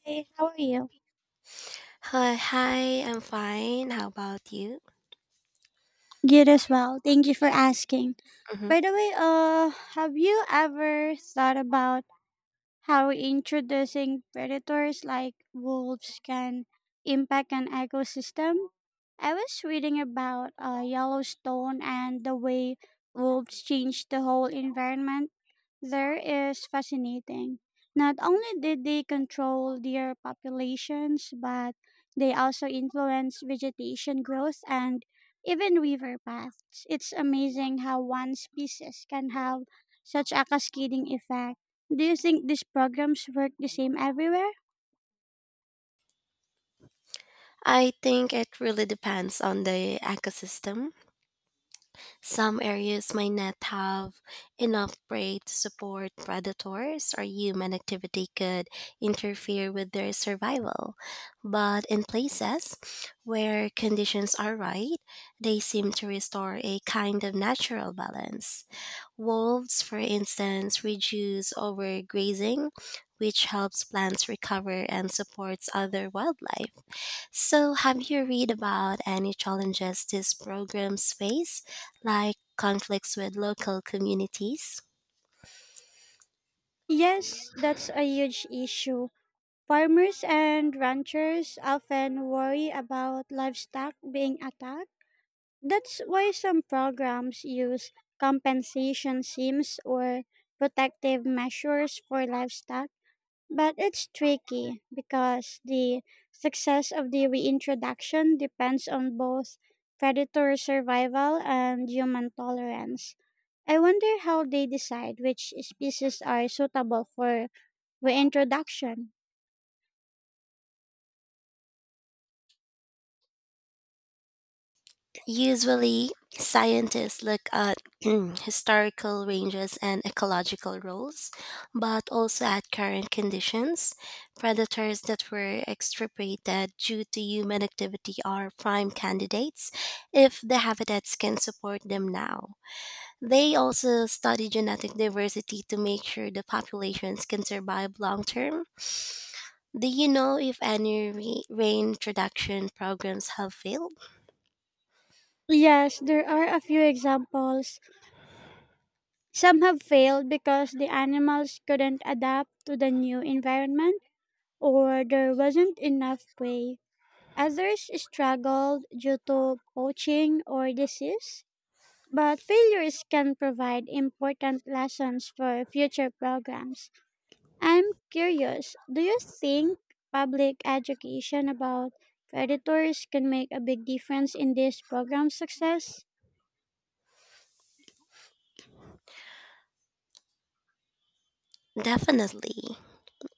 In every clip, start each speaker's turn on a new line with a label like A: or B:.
A: Hey, how are you?
B: Hi, hi, I'm fine. How about you?
A: Good as well. Thank you for asking.
B: Hmm.
A: By the way, have you ever thought about how introducing predators like wolves can impact an ecosystem? I was reading about Yellowstone and the way wolves changed the whole environment. There is fascinating. Not only did they control their populations, but they also influence vegetation growth and even river paths. It's amazing how one species can have such a cascading effect. Do you think these programs work the same everywhere?
B: I think it really depends on the ecosystem. Some areas might not have enough prey to support predators, or human activity could interfere with their survival. But in places where conditions are right, they seem to restore a kind of natural balance. Wolves, for instance, reduce overgrazing, which helps plants recover and supports other wildlife. So, have you read about any challenges these programs face, like conflicts with local communities?
A: Yes, that's a huge issue. Farmers and ranchers often worry about livestock being attacked. That's why some programs use compensation schemes or protective measures for livestock. But it's tricky because the success of the reintroduction depends on both predator survival and human tolerance. I wonder how they decide which species are suitable for reintroduction.
B: Usually, scientists look at historical ranges and ecological roles, but also at current conditions. Predators that were extirpated due to human activity are prime candidates if the habitats can support them now. They also study genetic diversity to make sure the populations can survive long term. Do you know if any reintroduction programs have failed?
A: Yes, there are a few examples. Some have failed because the animals couldn't adapt to the new environment or there wasn't enough prey. Others struggled due to poaching or disease, but failures can provide important lessons for future programs. I'm curious, do you think public education about predators can make a big difference in this program's success?
B: Definitely.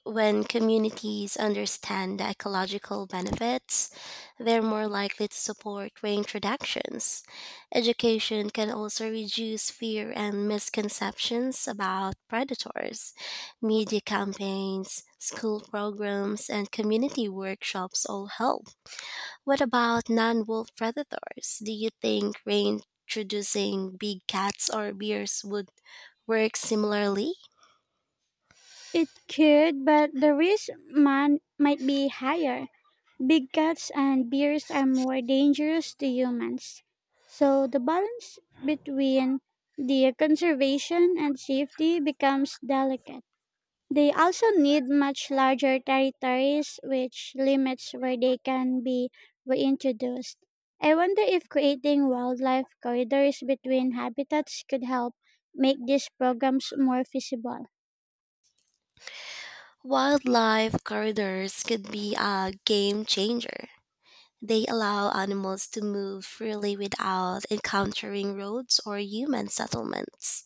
B: When communities understand the ecological benefits, they're more likely to support reintroductions. Education can also reduce fear and misconceptions about predators. Media campaigns, school programs, and community workshops all help. What about non wolf predators? Do you think reintroducing big cats or bears would work similarly?
A: It could, but the risk man might be higher. Big cats and bears are more dangerous to humans. So the balance between the conservation and safety becomes delicate. They also need much larger territories, which limits where they can be reintroduced. I wonder if creating wildlife corridors between habitats could help make these programs more feasible.
B: Wildlife corridors could be a game changer. They allow animals to move freely without encountering roads or human settlements.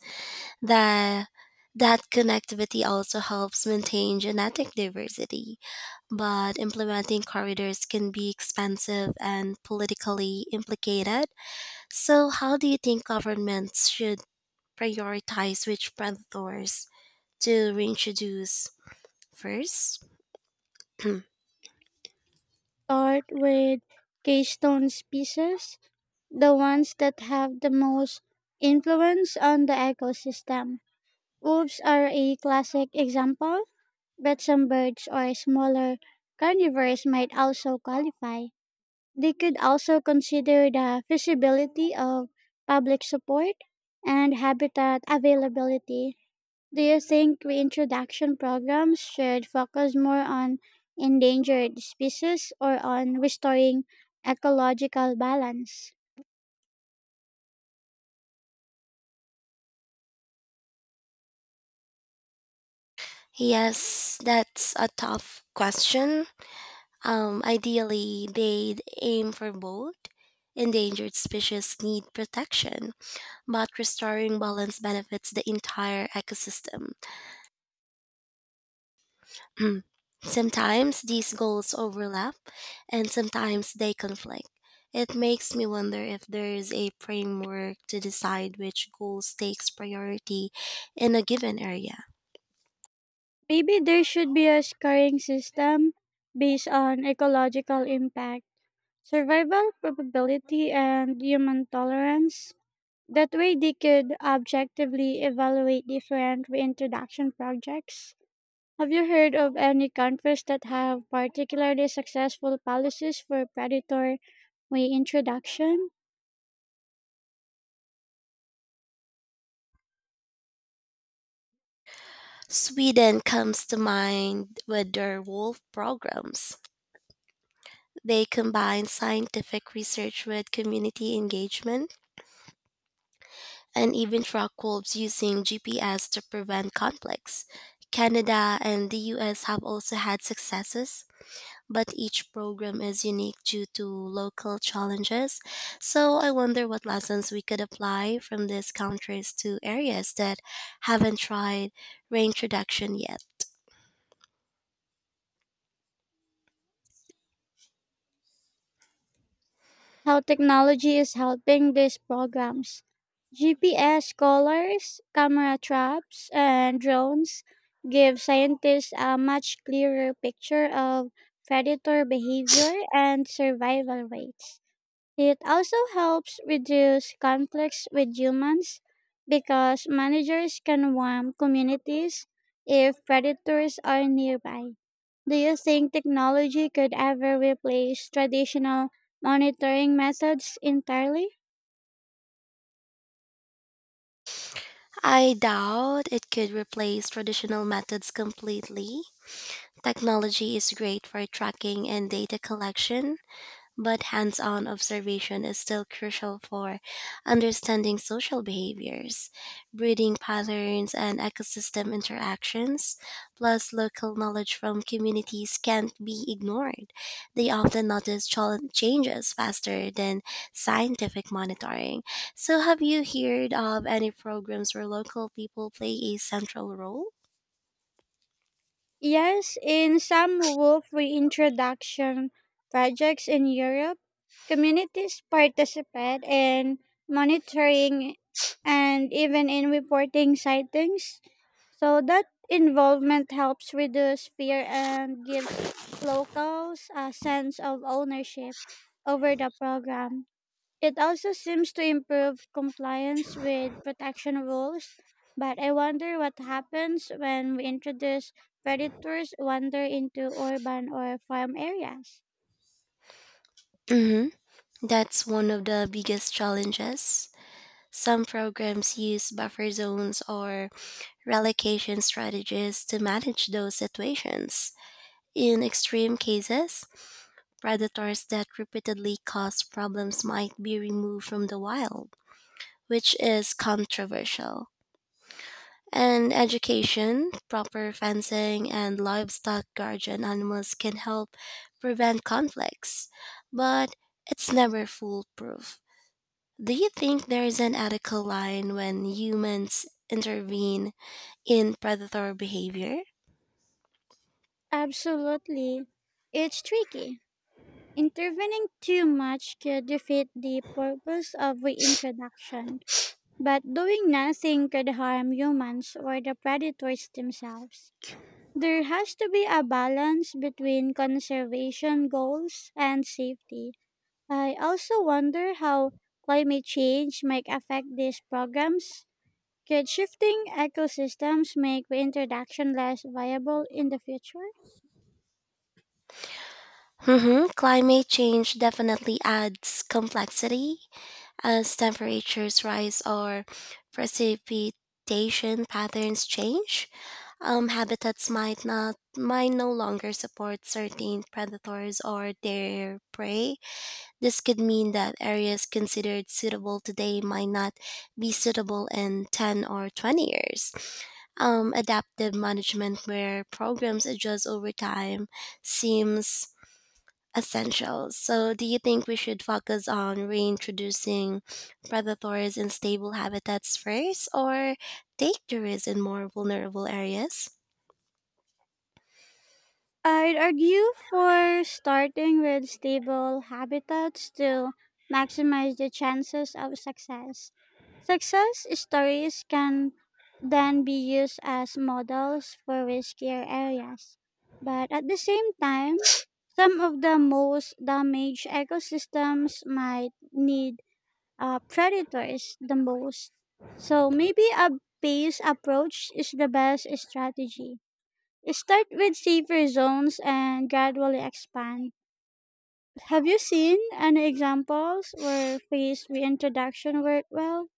B: The, that connectivity also helps maintain genetic diversity, but implementing corridors can be expensive and politically implicated. So, how do you think governments should prioritize which predators to reintroduce first?
A: Start with keystone species, the ones that have the most influence on the ecosystem. Wolves are a classic example, but some birds or smaller carnivores might also qualify. They could also consider the feasibility of public support and habitat availability. Do you think reintroduction programs should focus more on endangered species or on restoring ecological balance?
B: Yes, that's a tough question. Ideally, they'd aim for both. Endangered species need protection, but restoring balance benefits the entire ecosystem. Sometimes these goals overlap, and sometimes they conflict. It makes me wonder if there is a framework to decide which goals takes priority in a given area.
A: Maybe there should be a scoring system based on ecological impact, survival probability, and human tolerance. That way, they could objectively evaluate different reintroduction projects. Have you heard of any countries that have particularly successful policies for predator reintroduction?
B: Sweden comes to mind with their wolf programs. They combine scientific research with community engagement and even track wolves using GPS to prevent conflicts. Canada and the US have also had successes, but each program is unique due to local challenges. So I wonder what lessons we could apply from these countries to areas that haven't tried reintroduction yet.
A: How technology is helping these programs. GPS collars, camera traps, and drones give scientists a much clearer picture of predator behavior and survival rates. It also helps reduce conflicts with humans because managers can warn communities if predators are nearby. Do you think technology could ever replace traditional monitoring methods entirely?
B: I doubt it could replace traditional methods completely. Technology is great for tracking and data collection, but hands on observation is still crucial for understanding social behaviors, breeding patterns, and ecosystem interactions. Plus, local knowledge from communities can't be ignored. They often notice changes faster than scientific monitoring. So, have you heard of any programs where local people play a central role?
A: Yes, in some wolf reintroduction projects in Europe, communities participate in monitoring and even in reporting sightings. So that involvement helps reduce fear and gives locals a sense of ownership over the program. It also seems to improve compliance with protection rules, but I wonder what happens when we introduce predators wander into urban or farm areas.
B: Mm-hmm. That's one of the biggest challenges. Some programs use buffer zones or relocation strategies to manage those situations. In extreme cases, predators that repeatedly cause problems might be removed from the wild, which is controversial. And education, proper fencing, and livestock guardian animals can help prevent conflicts, but it's never foolproof. Do you think there is an ethical line when humans intervene in predator behavior?
A: Absolutely. It's tricky. Intervening too much could defeat the purpose of reintroduction, but doing nothing could harm humans or the predators themselves. There has to be a balance between conservation goals and safety. I also wonder how climate change might affect these programs. Could shifting ecosystems make reintroduction less viable in the future?
B: Hmm. Climate change definitely adds complexity as temperatures rise or precipitation patterns change. Habitats might no longer support certain predators or their prey. This could mean that areas considered suitable today might not be suitable in 10 or 20 years. Adaptive management, where programs adjust over time, seems essential. So, do you think we should focus on reintroducing predators in stable habitats first, or take the risk in more vulnerable areas?
A: I'd argue for starting with stable habitats to maximize the chances of success. Success stories can then be used as models for riskier areas. But at the same time, some of the most damaged ecosystems might need predators the most. So maybe a base approach is the best strategy. Start with safer zones and gradually expand. Have you seen any examples where phased reintroduction worked well?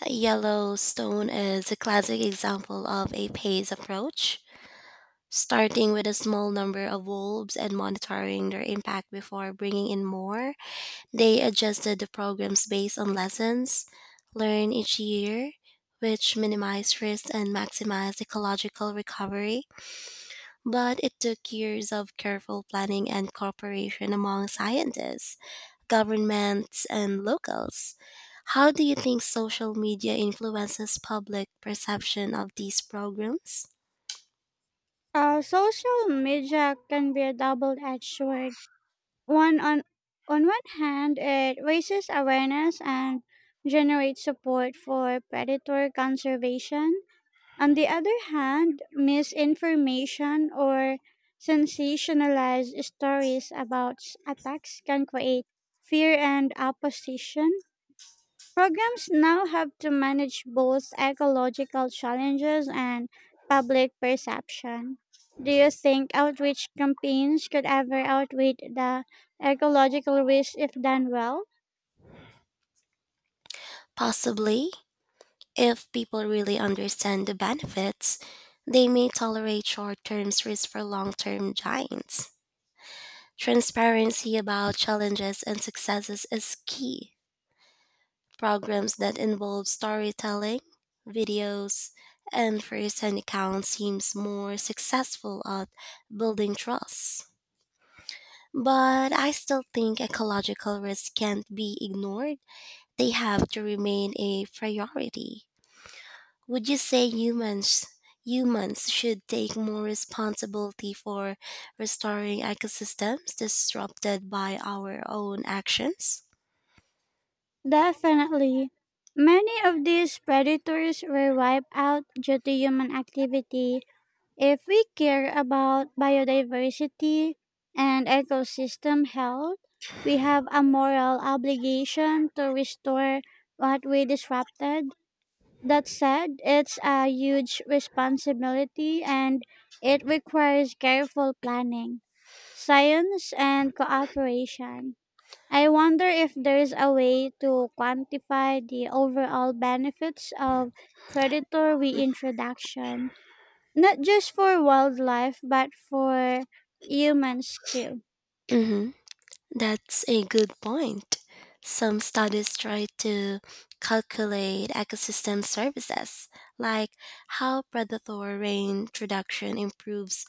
B: Yellowstone is a classic example of a phased approach, starting with a small number of wolves and monitoring their impact before bringing in more. They adjusted the programs based on lessons learned each year, which minimized risk and maximized ecological recovery. But it took years of careful planning and cooperation among scientists, governments, and locals. How do you think social media influences public perception of these programs?
A: Social media can be a double-edged sword. One on one hand, it raises awareness and generates support for predator conservation. On the other hand, misinformation or sensationalized stories about attacks can create fear and opposition. Programs now have to manage both ecological challenges and public perception. Do you think outreach campaigns could ever outweigh the ecological risk if done well?
B: Possibly. If people really understand the benefits, they may tolerate short term risks for long term giants. Transparency about challenges and successes is key. Programs that involve storytelling, videos, and first-hand accounts seems more successful at building trust. But I still think ecological risks can't be ignored. They have to remain a priority. Would you say humans should take more responsibility for restoring ecosystems disrupted by our own actions?
A: Definitely. Many of these predators were wiped out due to human activity. If we care about biodiversity and ecosystem health, we have a moral obligation to restore what we disrupted. That said, it's a huge responsibility and it requires careful planning, science, and cooperation. I wonder if there is a way to quantify the overall benefits of predator reintroduction, not just for wildlife, but for humans too.
B: Hmm. That's a good point. Some studies try to calculate ecosystem services, like how predatory rain production improves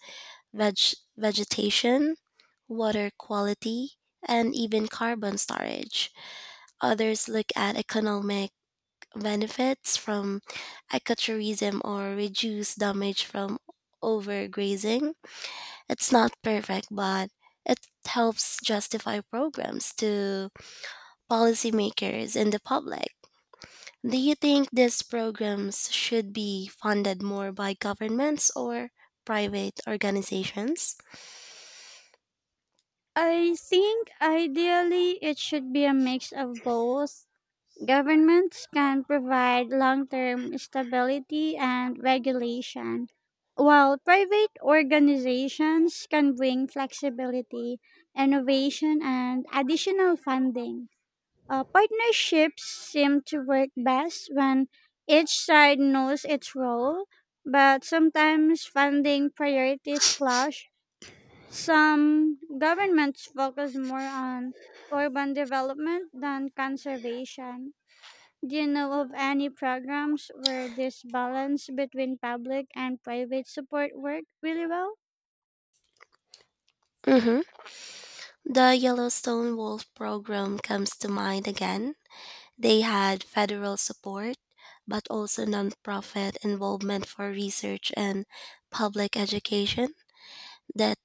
B: vegetation, water quality, and even carbon storage. Others look at economic benefits from ecotourism or reduce damage from overgrazing. It's not perfect, but it helps justify programs to policymakers and the public. Do you think these programs should be funded more by governments or private organizations?
A: I think ideally it should be a mix of both. Governments can provide long term stability and regulation, while private organizations can bring flexibility, innovation, and additional funding. Partnerships seem to work best when each side knows its role, but sometimes funding priorities clash. Some governments focus more on urban development than conservation. Do you know of any programs where this balance between public and private support worked really well?
B: Mm-hmm. The Yellowstone Wolf program comes to mind again. They had federal support, but also nonprofit involvement for research and public education. That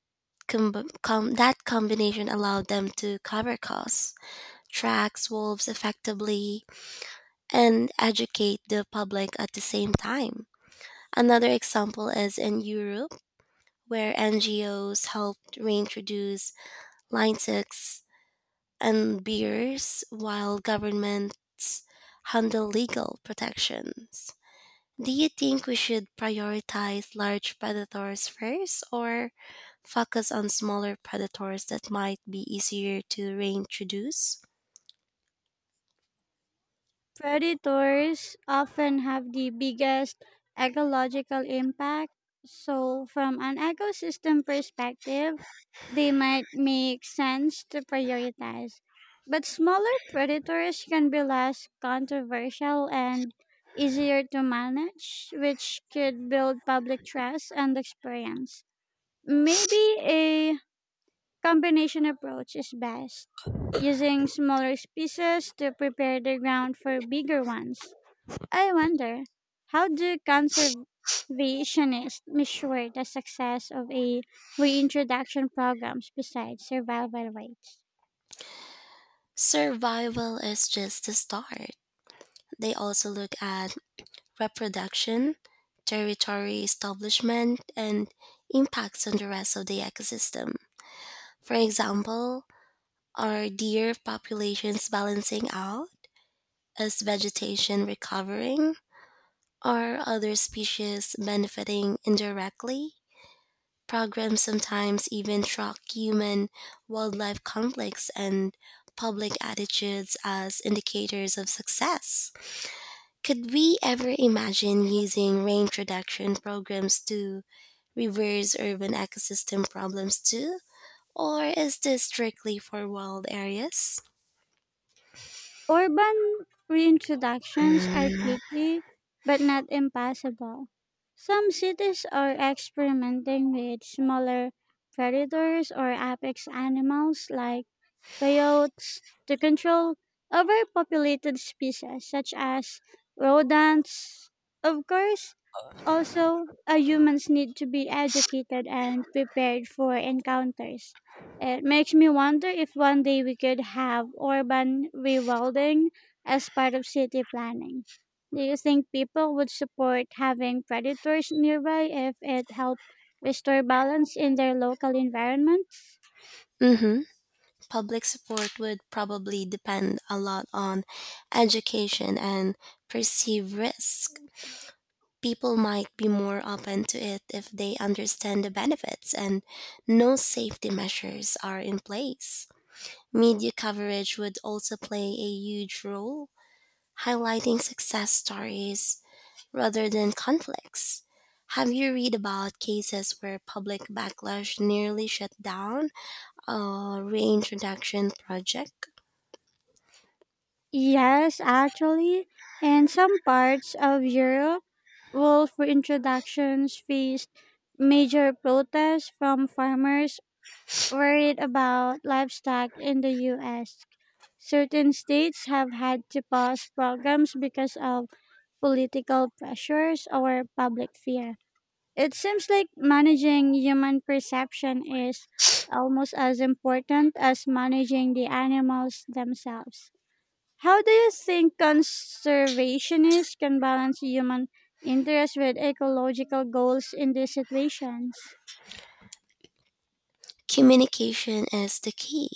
B: that combination allowed them to cover costs, track wolves effectively, and educate the public at the same time. Another example is in Europe, where NGOs helped reintroduce Linux and bears, while governments handle legal protections. Do you think we should prioritize large predators first or focus on smaller predators that might be easier to reintroduce?
A: Predators often have the biggest ecological impact. So, from an ecosystem perspective, they might make sense to prioritize. But smaller predators can be less controversial and easier to manage, which could build public trust and experience. Maybe a combination approach is best, using smaller species to prepare the ground for bigger ones. I wonder, how do conservationists measure the success of a reintroduction programs besides survival rates?
B: Survival is just the start. They also look at reproduction, territory establishment, and impacts on the rest of the ecosystem. For example, are deer populations balancing out? Is vegetation recovering? Are other species benefiting indirectly? Programs sometimes even track human wildlife conflicts and public attitudes as indicators of success. Could we ever imagine using range reduction programs to reverse urban ecosystem problems too? Or is this strictly for wild areas?
A: Urban reintroductions are
B: Mm-hmm.
A: tricky, but not impossible. Some cities are experimenting with smaller predators or apex animals like coyotes to control overpopulated species such as rodents. Of course, also, humans need to be educated and prepared for encounters. It makes me wonder if one day we could have urban rewilding as part of city planning. Do you think people would support having predators nearby if it helped restore balance in their local environments?
B: Public support would probably depend a lot on education and perceived risk. People might be more open to it if they understand the benefits and no safety measures are in place. Media coverage would also play a huge role, highlighting success stories rather than conflicts. Have you read about cases where public backlash nearly shut down a reintroduction project?
A: Yes, actually, in some parts of Europe, wolf reintroductions faced major protests from farmers worried about livestock in the US. Certain states have had to pause programs because of political pressures or public fear. It seems like managing human perception is almost as important as managing the animals themselves. How do you think conservationists can balance human interest with ecological goals in these situations?
B: Communication is the key.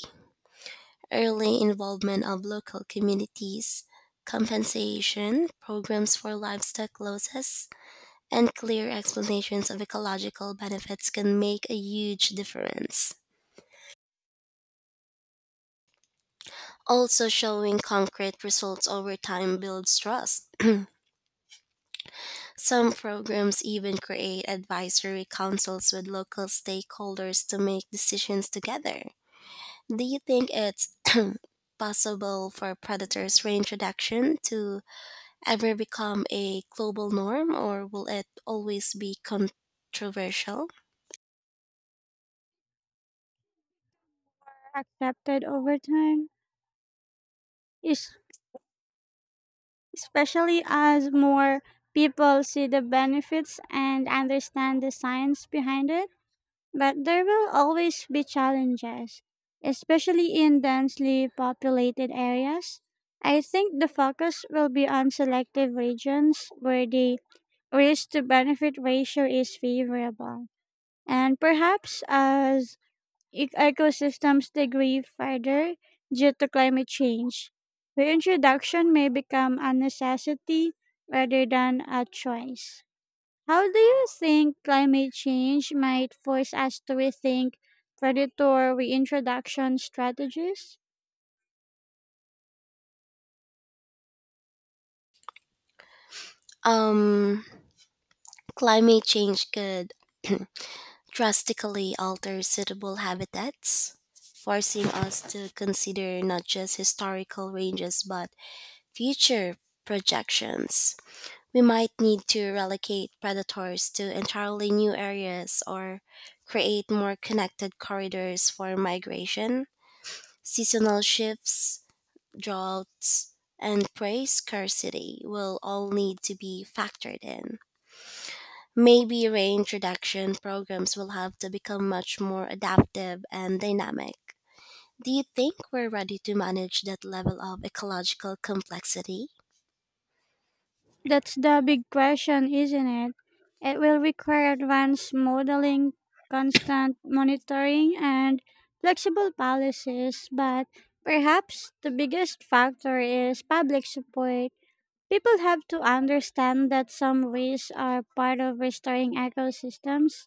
B: Early involvement of local communities, compensation programs for livestock losses, and clear explanations of ecological benefits can make a huge difference. Also, showing concrete results over time builds trust. Some programs even create advisory councils with local stakeholders to make decisions together. Do you think it's possible for predators reintroduction to ever become a global norm, or will it always be controversial?
A: Accepted over time, es- especially as more people see the benefits and understand the science behind it. But there will always be challenges, especially in densely populated areas. I think the focus will be on selective regions where the risk to benefit ratio is favorable. And perhaps as ecosystems degrade further due to climate change, reintroduction may become a necessity rather than a choice. How do you think climate change might force us to rethink predator reintroduction strategies?
B: Um, Climate change could drastically alter suitable habitats, forcing us to consider not just historical ranges but future projections. We might need to relocate predators to entirely new areas or create more connected corridors for migration. Seasonal shifts, droughts, and prey scarcity will all need to be factored in. Maybe range reduction programs will have to become much more adaptive and dynamic. Do you think we're ready to manage that level of ecological complexity?
A: That's the big question, isn't it? It will require advanced modeling, constant monitoring, and flexible policies, but perhaps the biggest factor is public support. People have to understand that some risks are part of restoring ecosystems.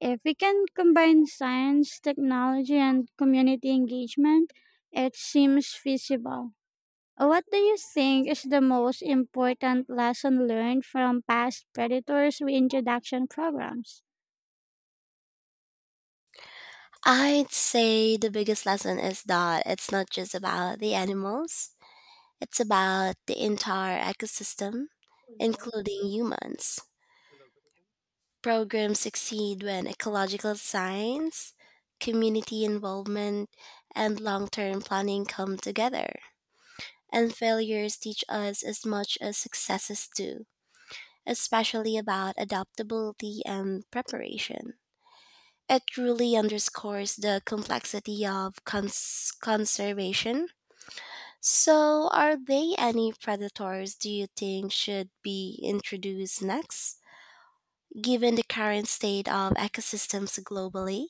A: If we can combine science, technology, and community engagement, it seems feasible. What do you think is the most important lesson learned from past predators' reintroduction programs?
B: I'd say the biggest lesson is that it's not just about the animals, it's about the entire ecosystem, including humans. Programs succeed when ecological science, community involvement, and long term planning come together. And failures teach us as much as successes do, especially about adaptability and preparation. It truly underscores the complexity of conservation. So, are there any predators do you think should be introduced next, given the current state of ecosystems globally?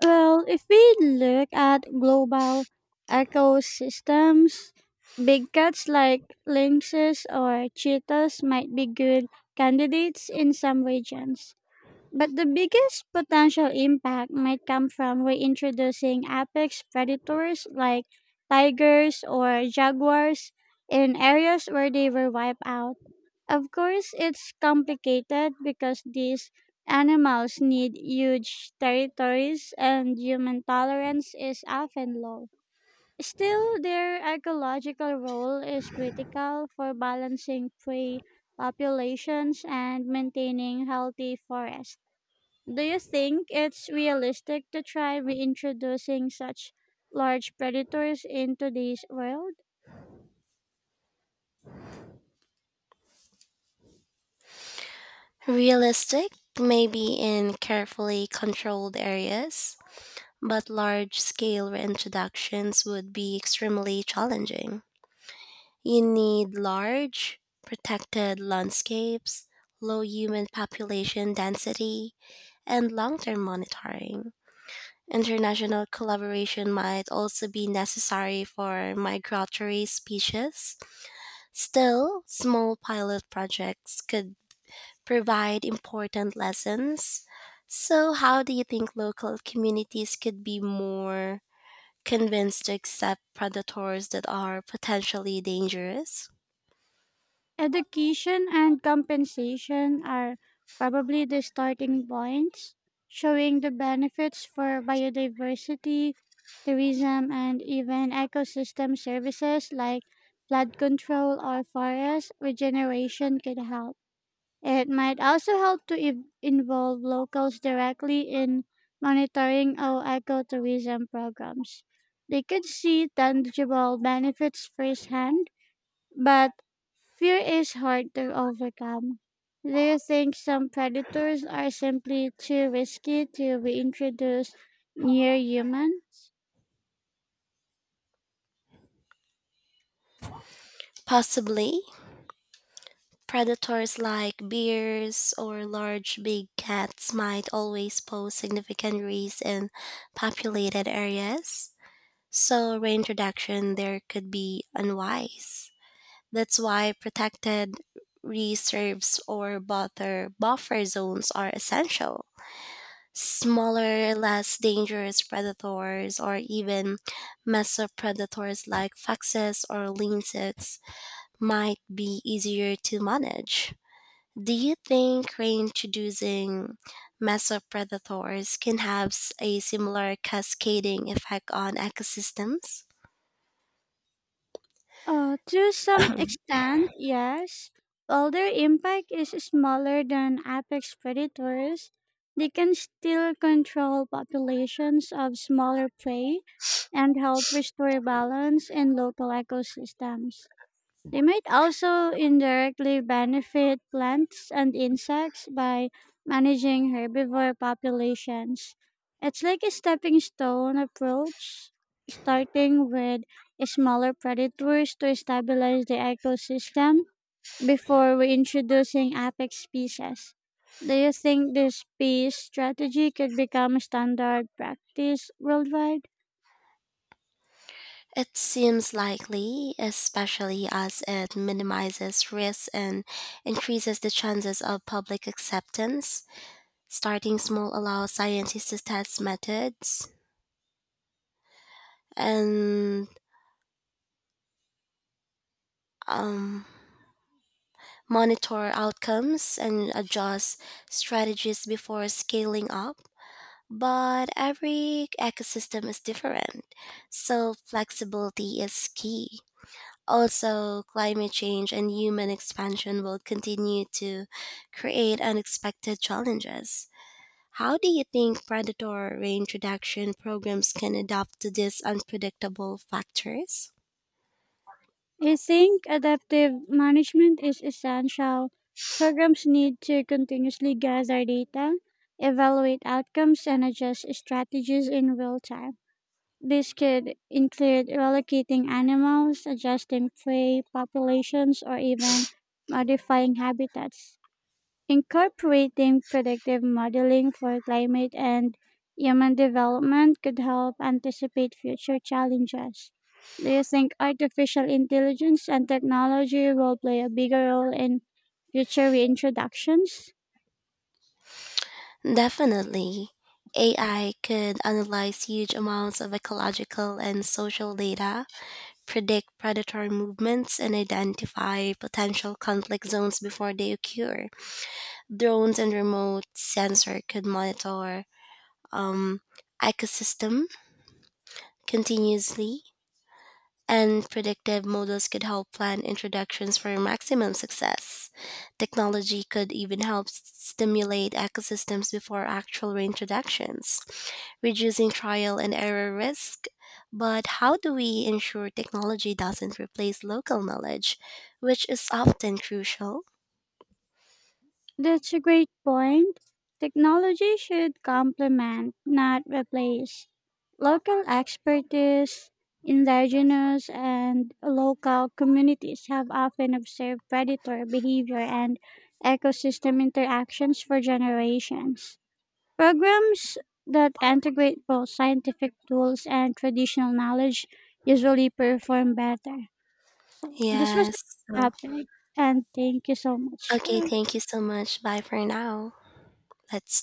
A: Well, if we look at global ecosystems, big cats like lynxes or cheetahs might be good candidates in some regions. But the biggest potential impact might come from reintroducing apex predators like tigers or jaguars in areas where they were wiped out. Of course, it's complicated because these animals need huge territories and human tolerance is often low. Still, their ecological role is critical for balancing prey populations and maintaining healthy forests. Do you think it's realistic to try reintroducing such large predators into this world?
B: Realistic, maybe in carefully controlled areas, but large scale reintroductions would be extremely challenging. You need large, protected landscapes, low human population density, and long term monitoring. International collaboration might also be necessary for migratory species. Still, small pilot projects could provide important lessons. So, how do you think local communities could be more convinced to accept predators that are potentially dangerous?
A: Education and compensation are probably the starting points, showing the benefits for biodiversity, tourism, and even ecosystem services like flood control or forest regeneration could help. It might also help to involve locals directly in monitoring our ecotourism programs. They could see tangible benefits firsthand, but fear is hard to overcome. Do you think some predators are simply too risky to be introduced near humans?
B: Possibly, predators like bears or large big cats might always pose significant risks in populated areas, so reintroduction there could be unwise. That's why protected reserves or buffer zones are essential. Smaller, less dangerous predators or even mesopredators like foxes or lynxes might be easier to manage. Do you think reintroducing mesopredators can have a similar cascading effect on ecosystems?
A: To some extent, yes. While their impact is smaller than apex predators, they can still control populations of smaller prey and help restore balance in local ecosystems. They might also indirectly benefit plants and insects by managing herbivore populations. It's like a stepping stone approach, starting with smaller predators to stabilize the ecosystem before reintroducing apex species. Do you think this peace strategy could become standard practice worldwide?
B: It seems likely, especially as it minimizes risks and increases the chances of public acceptance. Starting small allows scientists to test methods and um, monitor outcomes and adjust strategies before scaling up. But every ecosystem is different, so flexibility is key. Also, climate change and human expansion will continue to create unexpected challenges. How do you think predator range reduction programs can adapt to these unpredictable factors?
A: I think adaptive management is essential. Programs need to continuously gather data, evaluate outcomes, and adjust strategies in real time. This could include relocating animals, adjusting prey populations, or even modifying habitats. Incorporating predictive modeling for climate and human development could help anticipate future challenges. Do you think artificial intelligence and technology will play a bigger role in future reintroductions?
B: Definitely. AI could analyze huge amounts of ecological and social data, predict predatory movements, and identify potential conflict zones before they occur. Drones and remote sensor could monitor um, ecosystem continuously, and predictive models could help plan introductions for maximum success. Technology could even help stimulate ecosystems before actual reintroductions, reducing trial and error risk. But how do we ensure technology doesn't replace local knowledge, which is often crucial?
A: That's a great point. Technology should complement, not replace, local expertise. Indigenous and local communities have often observed predator behavior and ecosystem interactions for generations. Programs that integrate both scientific tools and traditional knowledge usually perform better. So, this was
B: Yes.
A: a
B: So-
A: topic, and thank you so much. Bye
B: Okay,
A: bye.
B: thank you so much. Bye for now. Let's